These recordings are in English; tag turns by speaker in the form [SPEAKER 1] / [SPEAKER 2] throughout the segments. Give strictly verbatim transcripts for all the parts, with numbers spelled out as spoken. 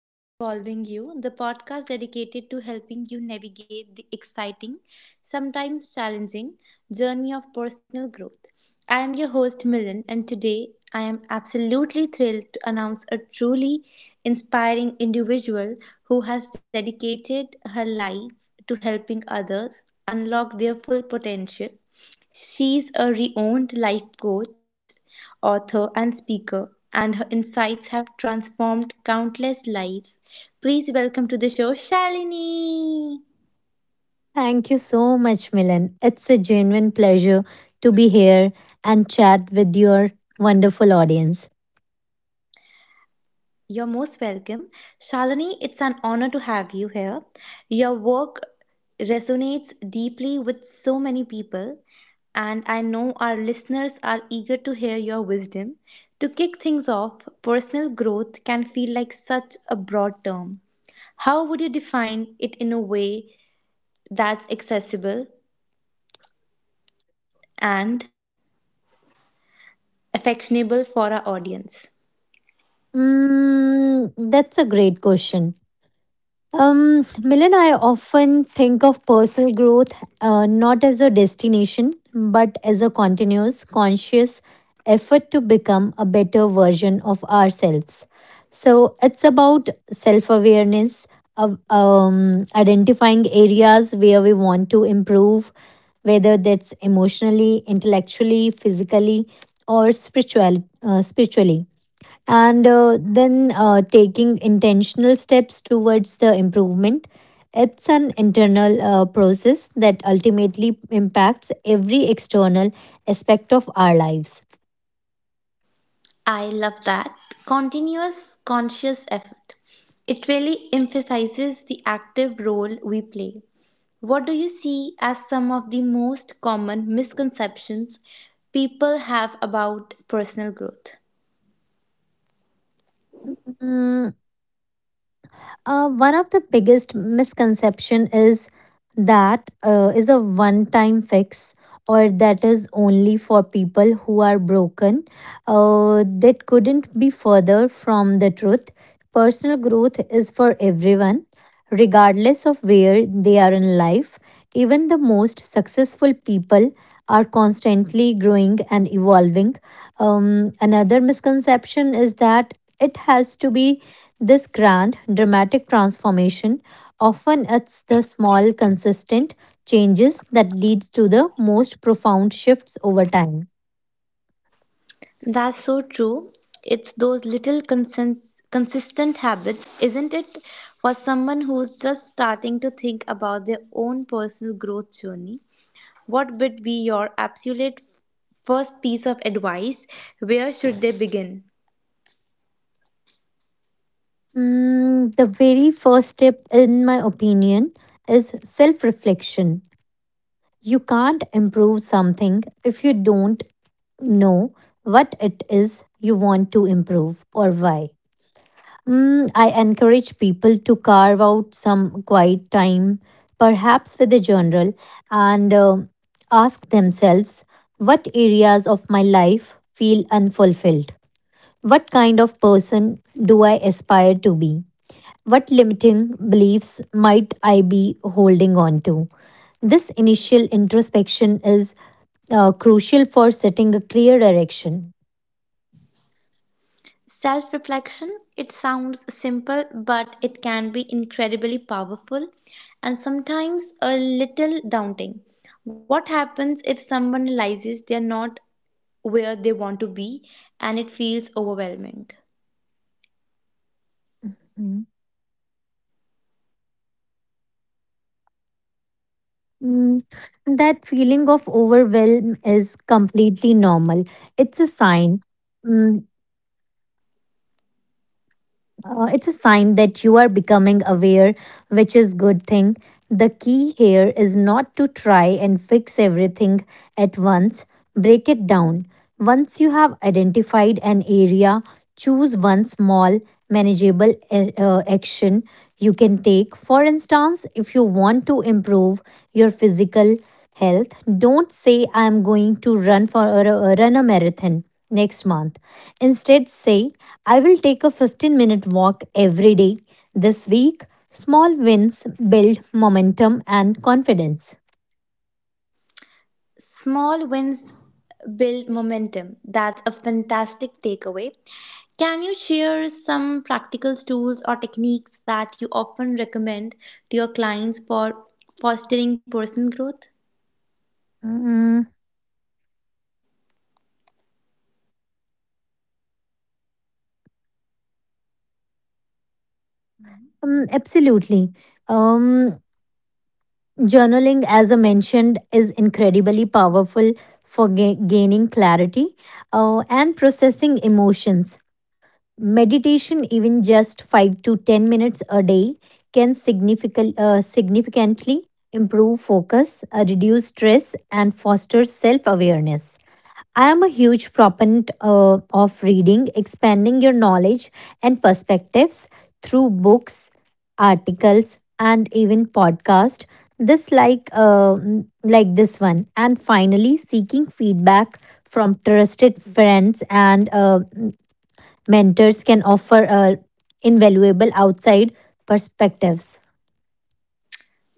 [SPEAKER 1] Ever Evolving You, the podcast dedicated to helping you navigate the exciting, sometimes challenging, journey of personal growth. I am your host, Milan, and today I am absolutely thrilled to announce a truly inspiring individual who has dedicated her life to helping others unlock their full potential. She's a renowned life coach, author, and speaker, and her insights have transformed countless lives. Please welcome to the show Shalini.
[SPEAKER 2] Thank you so much, Milan. It's a genuine pleasure to be here and chat with your wonderful audience.
[SPEAKER 1] You're most welcome. Shalini, it's an honor to have you here. Your work resonates deeply with so many people, and I know our listeners are eager to hear your wisdom. To kick things off, personal growth can feel like such a broad term. How would you define it in a way that's accessible and affectionable for our audience?
[SPEAKER 2] Mm, that's a great question. Um, Milan, I often think of personal growth uh, not as a destination, but as a continuous, conscious effort to become a better version of ourselves. So it's about self awareness, of um, identifying areas where we want to improve, whether that's emotionally, intellectually, physically, or spiritual, uh, spiritually and uh, then uh, taking intentional steps towards the improvement. It's an internal uh, process that ultimately impacts every external aspect of our lives.
[SPEAKER 1] I love that. Continuous conscious effort. It really emphasizes the active role we play. What do you see as some of the most common misconceptions people have about personal growth?
[SPEAKER 2] Mm, Uh, one of the biggest misconception is that uh, is a one time fix or that is only for people who are broken, uh, that couldn't be further from the truth. Personal growth is for everyone regardless of where they are in life. Even the most successful people are constantly growing and evolving. Um, another misconception is that it has to be this grand, dramatic transformation. Often it's the small, consistent changes that leads to the most profound shifts over time.
[SPEAKER 1] That's so true. It's those little consent, consistent habits, isn't it? For someone who's just starting to think about their own personal growth journey. What would be your absolute first piece of advice? Where should they begin?
[SPEAKER 2] Mm, the very first step, in my opinion, is self reflection. You can't improve something if you don't know what it is you want to improve or why. Mm, I encourage people to carve out some quiet time, perhaps with a journal, and um ask themselves, what areas of my life feel unfulfilled? What kind of person do I aspire to be? What limiting beliefs might I be holding on to? This initial introspection is uh, crucial for setting a clear direction.
[SPEAKER 1] Self reflection, it sounds simple, but it can be incredibly powerful and sometimes a little daunting. What happens if someone realizes they're not where they want to be and it feels overwhelming?
[SPEAKER 2] Mhm. Mm, That feeling of overwhelm is completely normal. It's a sign. Mm, Uh, it's a sign that you are becoming aware, which is good thing. The key here is not to try and fix everything at once. Break it down. Once you have identified an area, choose one small manageable a- uh, action you can take. For instance, if you want to improve your physical health, don't say I am going to run for a, a- run a marathon next month. Instead say I will take a fifteen minute walk every day this week. Small wins build momentum and confidence.
[SPEAKER 1] Small wins build momentum. That's a fantastic takeaway. Can you share some practical tools or techniques that you often recommend to your clients for fostering personal growth?
[SPEAKER 2] Mm, mm, Absolutely. Um, Journaling, as I mentioned, is incredibly powerful for ga- gaining clarity uh, and processing emotions. Meditation, even just five to ten minutes a day, can significant, uh, significantly improve focus, uh, reduce stress, and foster self awareness. I am a huge proponent uh, of reading, expanding your knowledge and perspectives through books, articles, and even podcast. This like uh, mm, like this one, and finally seeking feedback from trusted friends and uh, mentors can offer uh, invaluable outside perspectives.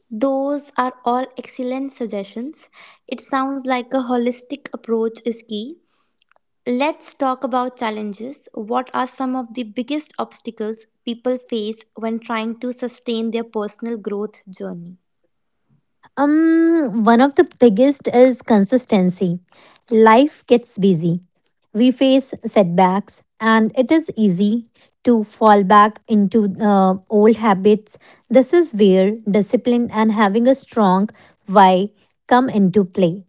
[SPEAKER 1] Those are all excellent suggestions. It sounds like a holistic approach is key. Let's talk about challenges. What are some of the biggest obstacles people face when trying to sustain their personal growth journey?
[SPEAKER 2] Um, one of the biggest is consistency. Life gets busy. We face setbacks, and it is easy to fall back into uh, old habits. This is where discipline and having a strong why come into play.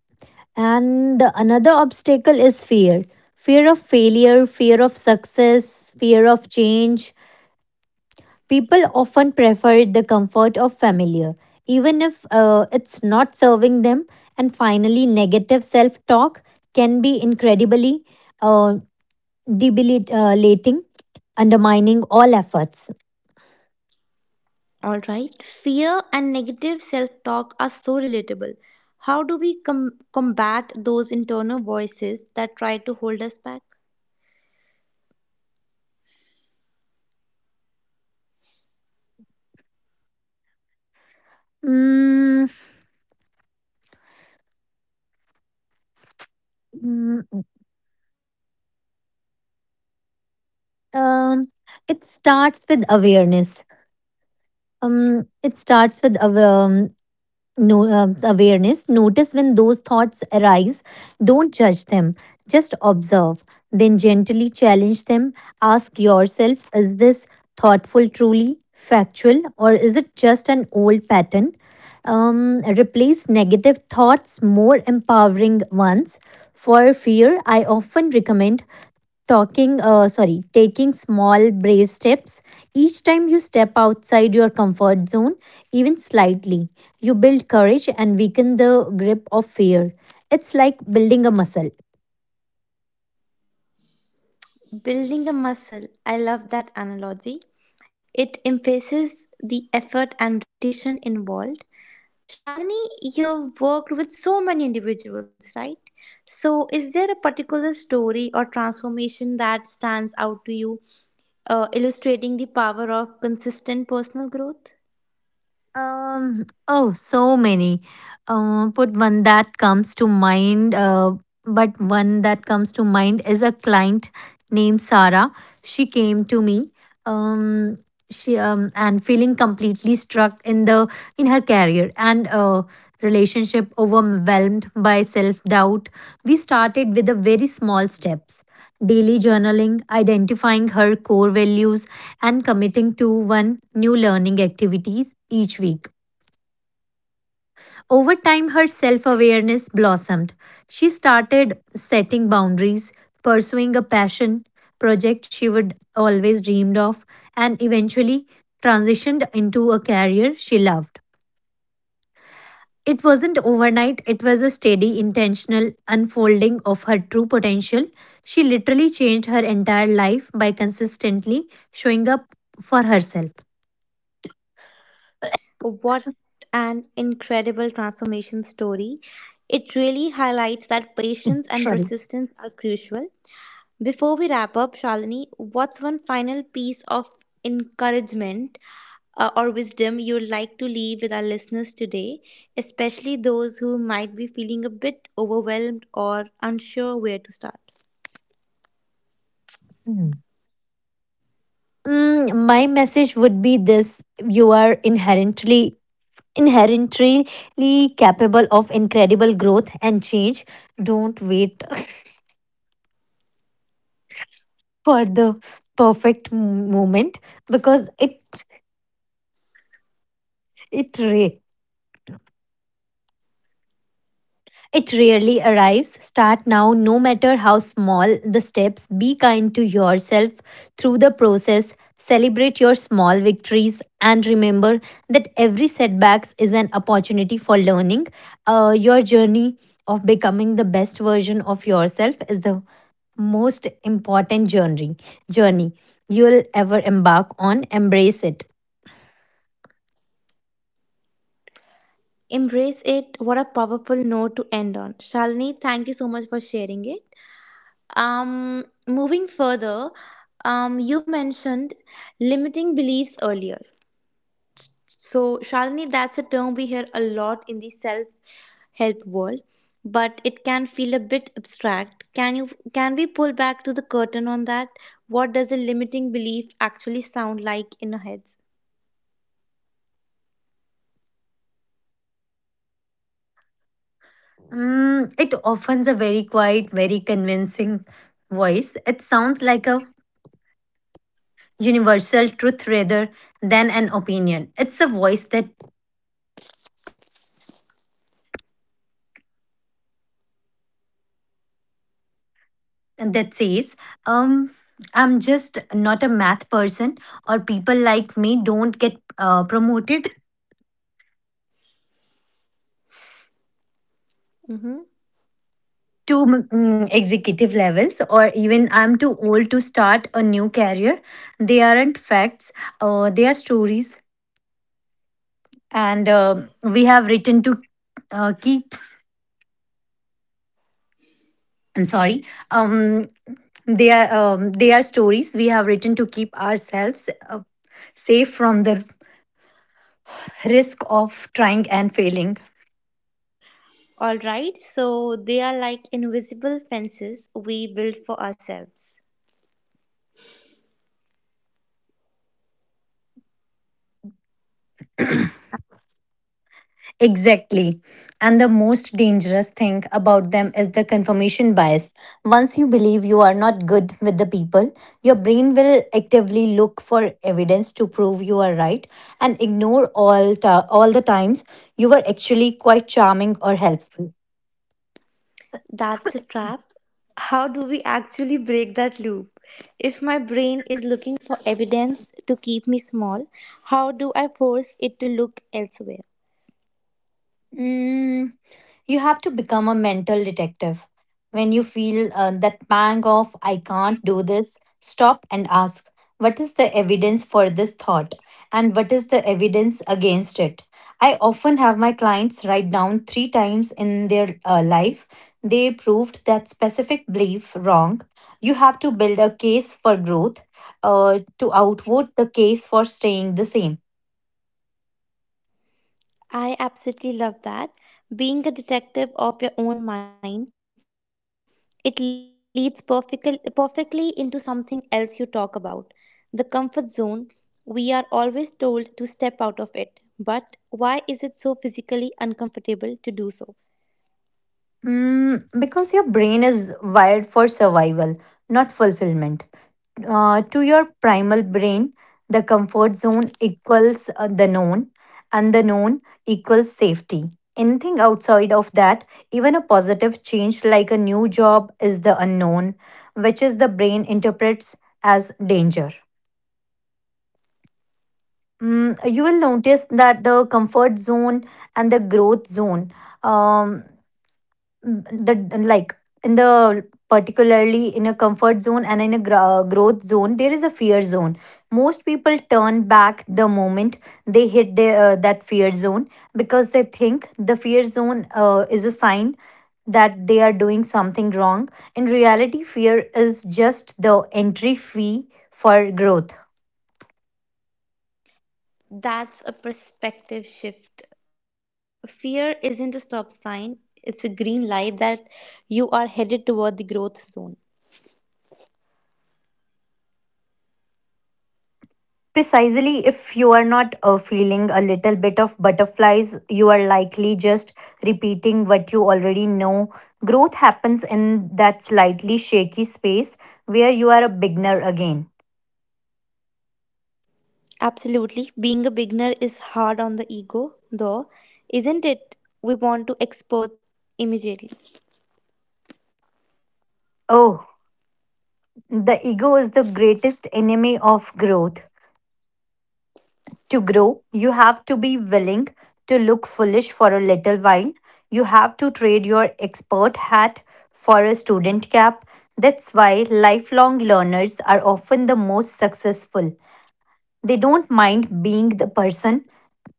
[SPEAKER 2] And the another obstacle is fear: fear of failure, fear of success, fear of change. People often prefer the comfort of familiar, even if uh, it's not serving them. And finally, negative self talk can be incredibly uh, debilitating, undermining all efforts.
[SPEAKER 1] All right, fear and negative self talk are so relatable. How do we com- combat those internal voices that try to hold us back?
[SPEAKER 2] Mm, mm, um, it starts with awareness. Um, it starts with awa- um, no, uh, Awareness. Notice when those thoughts arise. Don't judge them, just observe. Then gently challenge them. Ask yourself, is this thoughtful, truly factual, or is it just an old pattern? Um, replace negative thoughts, more empowering ones. For fear, I often recommend talking uh, sorry taking small brave steps. Each time you step outside your comfort zone, even slightly, you build courage and weaken the grip of fear. It's like building a muscle.
[SPEAKER 1] Building a muscle, I love that analogy. It emphasizes the effort and repetition involved. Shalini, you've worked with so many individuals, right? So, is there a particular story or transformation that stands out to you, uh, illustrating the power of consistent personal growth?
[SPEAKER 2] Um oh so many. Uh, put one that comes to mind uh, but one that comes to mind is a client named Sarah. She came to me, um she um, and feeling completely stuck in the in her career and uh, relationship, overwhelmed by self doubt. We started with the very small steps: daily journaling, identifying her core values, and committing to one new learning activities each week. Over time, her self awareness blossomed. She started setting boundaries, pursuing a passion project she would always dreamed of, and eventually transitioned into a career she loved. It wasn't overnight, it was a steady, intentional unfolding of her true potential. She literally changed her entire life by consistently showing up for herself.
[SPEAKER 1] What an incredible transformation story. It really highlights that patience and persistence are crucial. Before we wrap up, Shalini, what's one final piece of encouragement uh, or wisdom you'd like to leave with our listeners today, especially those who might be feeling a bit overwhelmed or unsure where to start?
[SPEAKER 2] Mm. Mm, my message would be this: you are inherently inherently capable of incredible growth and change. Don't wait for the perfect moment because it it ra- it rarely arrives. Start now, no matter how small the steps. Be kind to yourself through the process. Celebrate your small victories and remember that every setbacks is an opportunity for learning. Uh, your journey of becoming the best version of yourself is the most important journey journey you'll ever embark on. Embrace it.
[SPEAKER 1] Embrace it. What a powerful note to end on. Shalini, thank you so much for sharing it. Um, moving further, um, you mentioned limiting beliefs earlier. So, Shalini, that's a term we hear a lot in the self help world, but it can feel a bit abstract. Can you can we pull back to the curtain on that? What does a limiting belief actually sound like in our heads?
[SPEAKER 2] Mm, it offers a very quiet, very convincing voice. It sounds like a universal truth rather than an opinion. It's a voice that that says, um, I'm just not a math person, or people like me don't get uh, promoted
[SPEAKER 1] Mm-hmm.
[SPEAKER 2] to mm, mm, executive levels, or even I'm too old to start a new career. They aren't facts, uh, they are stories. And um we have written to uh, keep, I'm sorry, um, they are, um, They are stories we have written to keep ourselves uh, safe from the risk of trying and failing.
[SPEAKER 1] All right, so they are like invisible fences we build for ourselves.
[SPEAKER 2] Exactly. And the most dangerous thing about them is the confirmation bias. Once you believe you are not good with the people, your brain will actively look for evidence to prove you are right and ignore all ta- all the times you were actually quite charming or helpful.
[SPEAKER 1] That's a trap. How do we actually break that loop? If my brain is looking for evidence to keep me small, how do I force it to look elsewhere?
[SPEAKER 2] Mm, You have to become a mental detective. When you feel uh, that pang of, I can't do this, stop and ask, what is the evidence for this thought? And what is the evidence against it? I often have my clients write down three times in their uh, life they proved that specific belief wrong. You have to build a case for growth uh, to outvote the case for staying the same.
[SPEAKER 1] I absolutely love that. Being a detective of your own mind, it leads perfectly, perfectly into something else you talk about. The comfort zone, we are always told to step out of it. But why is it so physically uncomfortable to do so?
[SPEAKER 2] Mm, because your brain is wired for survival, not fulfillment. Uh, to your primal brain, the comfort zone equals uh, the known, and the known equals safety. Anything outside of that, even a positive change like a new job, is the unknown, which is the brain interprets as danger. Mm, you will notice that the comfort zone and the growth zone. Um. mm, the like in the Particularly in a comfort zone and in a gro- growth zone there is a fear zone. Most people turn back the moment they hit their, uh, that fear zone because they think the fear zone uh, is a sign that they are doing something wrong. In reality, fear is just the entry fee for growth.
[SPEAKER 1] That's a perspective shift. Fear isn't a stop sign, it's a green light that you are headed toward the growth zone.
[SPEAKER 2] Precisely, if you are not uh, feeling a little bit of butterflies, you are likely just repeating what you already know. Growth happens in that slightly shaky space where you are a beginner again.
[SPEAKER 1] Absolutely. Being a beginner is hard on the ego, though, isn't it? We want to experts immediately.
[SPEAKER 2] Oh, the ego is the greatest enemy of growth. To grow, you have to be willing to look foolish for a little while. You have to trade your expert hat for a student cap. That's why lifelong learners are often the most successful. They don't mind being the person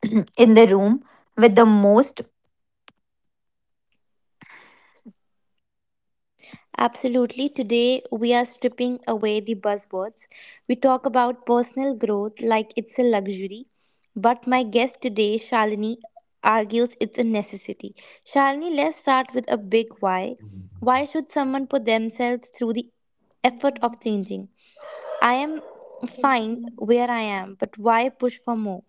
[SPEAKER 2] in the room with the most.
[SPEAKER 1] Absolutely. Today, we are stripping away the buzzwords. We talk about personal growth like it's a luxury. But my guest today, Shalini, argues it's a necessity. Shalini, let's start with a big why. Why should someone put themselves through the effort of changing? I am fine where I am, but why push for more?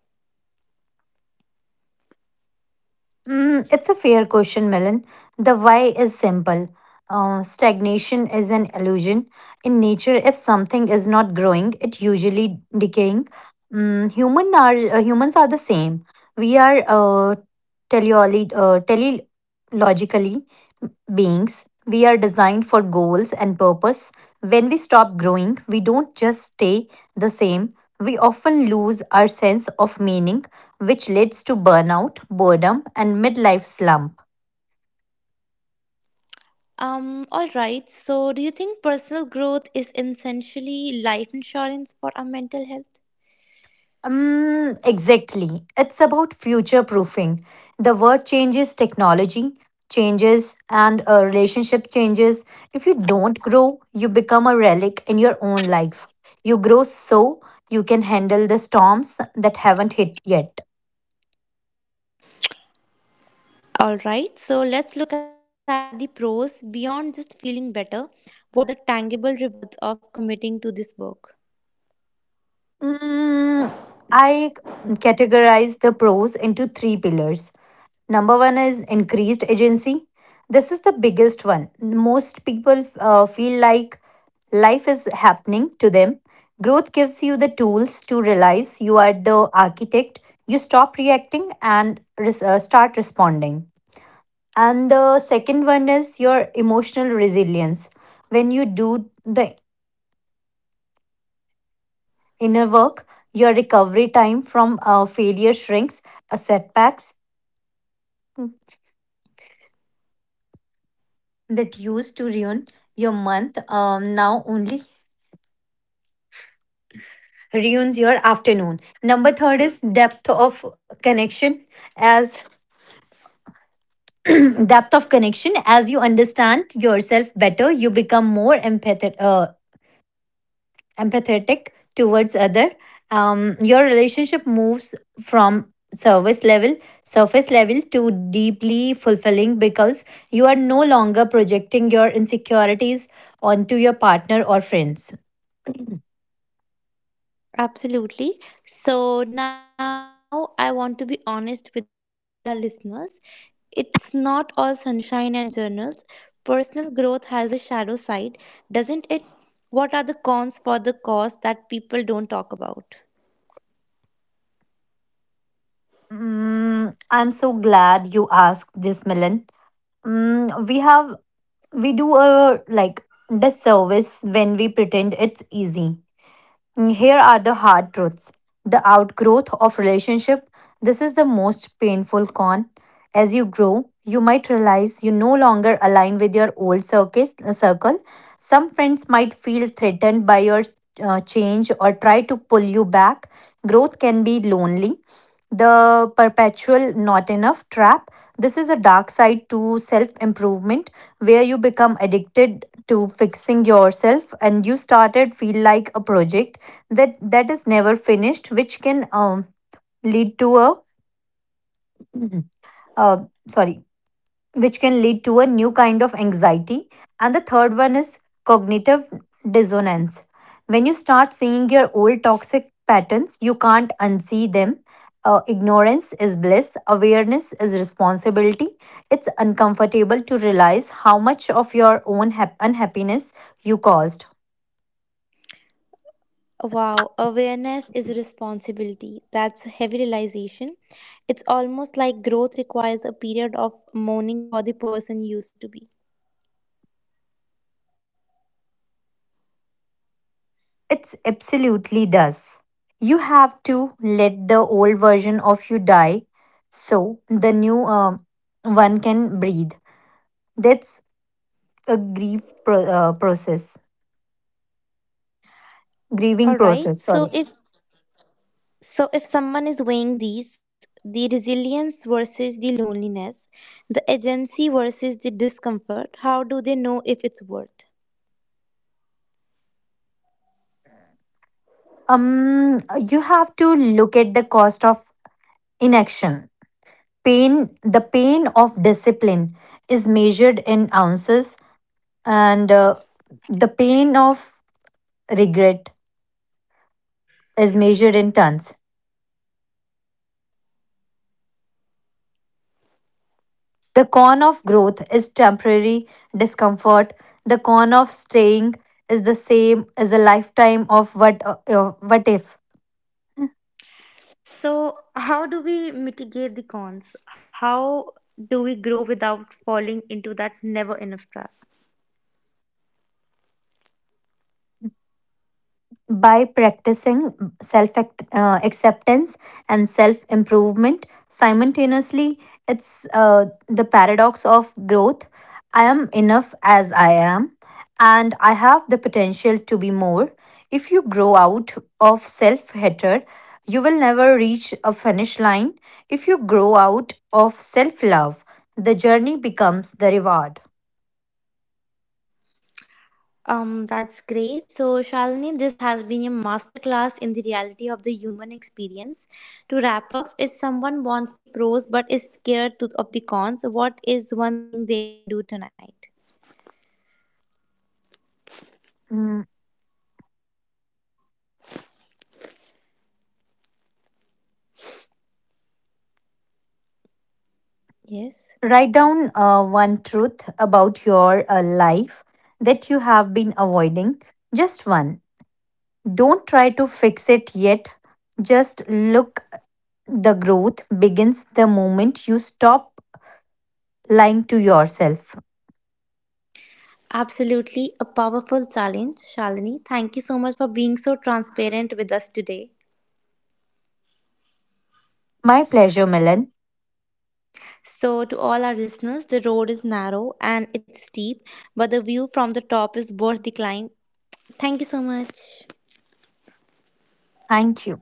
[SPEAKER 2] Mm, it's a fair question, Melon. The why is simple. Uh, stagnation is an illusion. In nature, if something is not growing, it usually decaying. Mm, human are uh, humans are the same. We are uh, teleoli- uh, teleologically beings, we are designed for goals and purpose. When we stop growing, we don't just stay the same. We often lose our sense of meaning, which leads to burnout, boredom, and midlife slump.
[SPEAKER 1] Um, all right. So, do you think personal growth is essentially life insurance for our mental health?
[SPEAKER 2] Um, exactly. It's about future proofing. The world changes, technology changes, and a relationship changes. If you don't grow, you become a relic in your own life. You grow so you can handle the storms that haven't hit yet.
[SPEAKER 3] All right, so let's look at the pros beyond just feeling better. What are the tangible rewards of committing to this work?
[SPEAKER 2] Mm, I categorize the pros into three pillars. Number one is increased agency. This is the biggest one. Most people uh, feel like life is happening to them. Growth gives you the tools to realize you are the architect. You stop reacting and res- uh, start responding. And the second one is your emotional resilience. When you do the inner work, your recovery time from uh, failure shrinks, uh, setbacks that used to ruin your month um, now only ruins your afternoon. Number third is depth of connection. As depth of connection, as you understand yourself better, you become more empathetic. uh, empathetic towards other. Um, your relationship moves from service level surface level to deeply fulfilling because you are no longer projecting your insecurities onto your partner or friends.
[SPEAKER 3] Absolutely. So now I want to be honest with our listeners. It's not all sunshine and journals. Personal growth has a shadow side, doesn't it? What are the cons for the cause that people don't talk about?
[SPEAKER 2] mm, I'm so glad you asked this, Milan. Mm, we have we do a like disservice when we pretend it's easy. Here are the hard truths. The outgrowth of relationship. This is the most painful con. As you grow, you might realize you no longer align with your old circus, uh, circle. Some friends might feel threatened by your uh, change or try to pull you back. Growth can be lonely. The perpetual not enough trap. This is a dark side to self improvement where you become addicted to fixing yourself and you started feel like a project that that is never finished which can um, lead to a uh, sorry which can lead to a new kind of anxiety. And the third one is cognitive dissonance. When you start seeing your old toxic patterns you can't unsee them. Uh, ignorance is bliss, awareness is responsibility. It's uncomfortable to realize how much of your own hap- unhappiness you caused.
[SPEAKER 3] Wow, awareness is a responsibility. That's a heavy realization. It's almost like growth requires a period of mourning for the person you used to be.
[SPEAKER 2] It absolutely does. You have to let the old version of you die so the new um, one can breathe. That's a grief pro- uh, process, grieving
[SPEAKER 3] All
[SPEAKER 2] process,
[SPEAKER 3] right.
[SPEAKER 2] sorry.
[SPEAKER 3] So Yeah. if so if someone is weighing these, the resilience versus the loneliness, the agency versus the discomfort, how do they know if it's worth?
[SPEAKER 2] Um, you have to look at the cost of inaction. Pain, the pain of discipline is measured in ounces, and uh, the pain of regret is measured in tons. The con of growth is temporary discomfort. The con of staying is the same as a lifetime of what uh, uh, what if.
[SPEAKER 3] So how do we mitigate the cons? How do we grow without falling into that never enough trap?
[SPEAKER 2] By practicing self uh, acceptance and self improvement simultaneously, it's uh, the paradox of growth. I am enough as I am, and I have the potential to be more. If you grow out of self hatred, you will never reach a finish line. If you grow out of self love, the journey becomes the reward.
[SPEAKER 3] Um, that's great. So, Shalini, this has been a masterclass in the reality of the human experience. To wrap up, if someone wants the pros but is scared to, of the cons, what is one thing they can do tonight? Yes.
[SPEAKER 2] Write down uh, one truth about your uh, life that you have been avoiding. Just one. Don't try to fix it yet. Just look. The growth begins the moment you stop lying to yourself.
[SPEAKER 3] Absolutely a powerful challenge, Shalini. Thank you so much for being so transparent with us today.
[SPEAKER 2] My pleasure, Milan.
[SPEAKER 3] So, to all our listeners, the road is narrow and it's steep, but the view from the top is worth the climb. Thank you so much.
[SPEAKER 2] Thank you.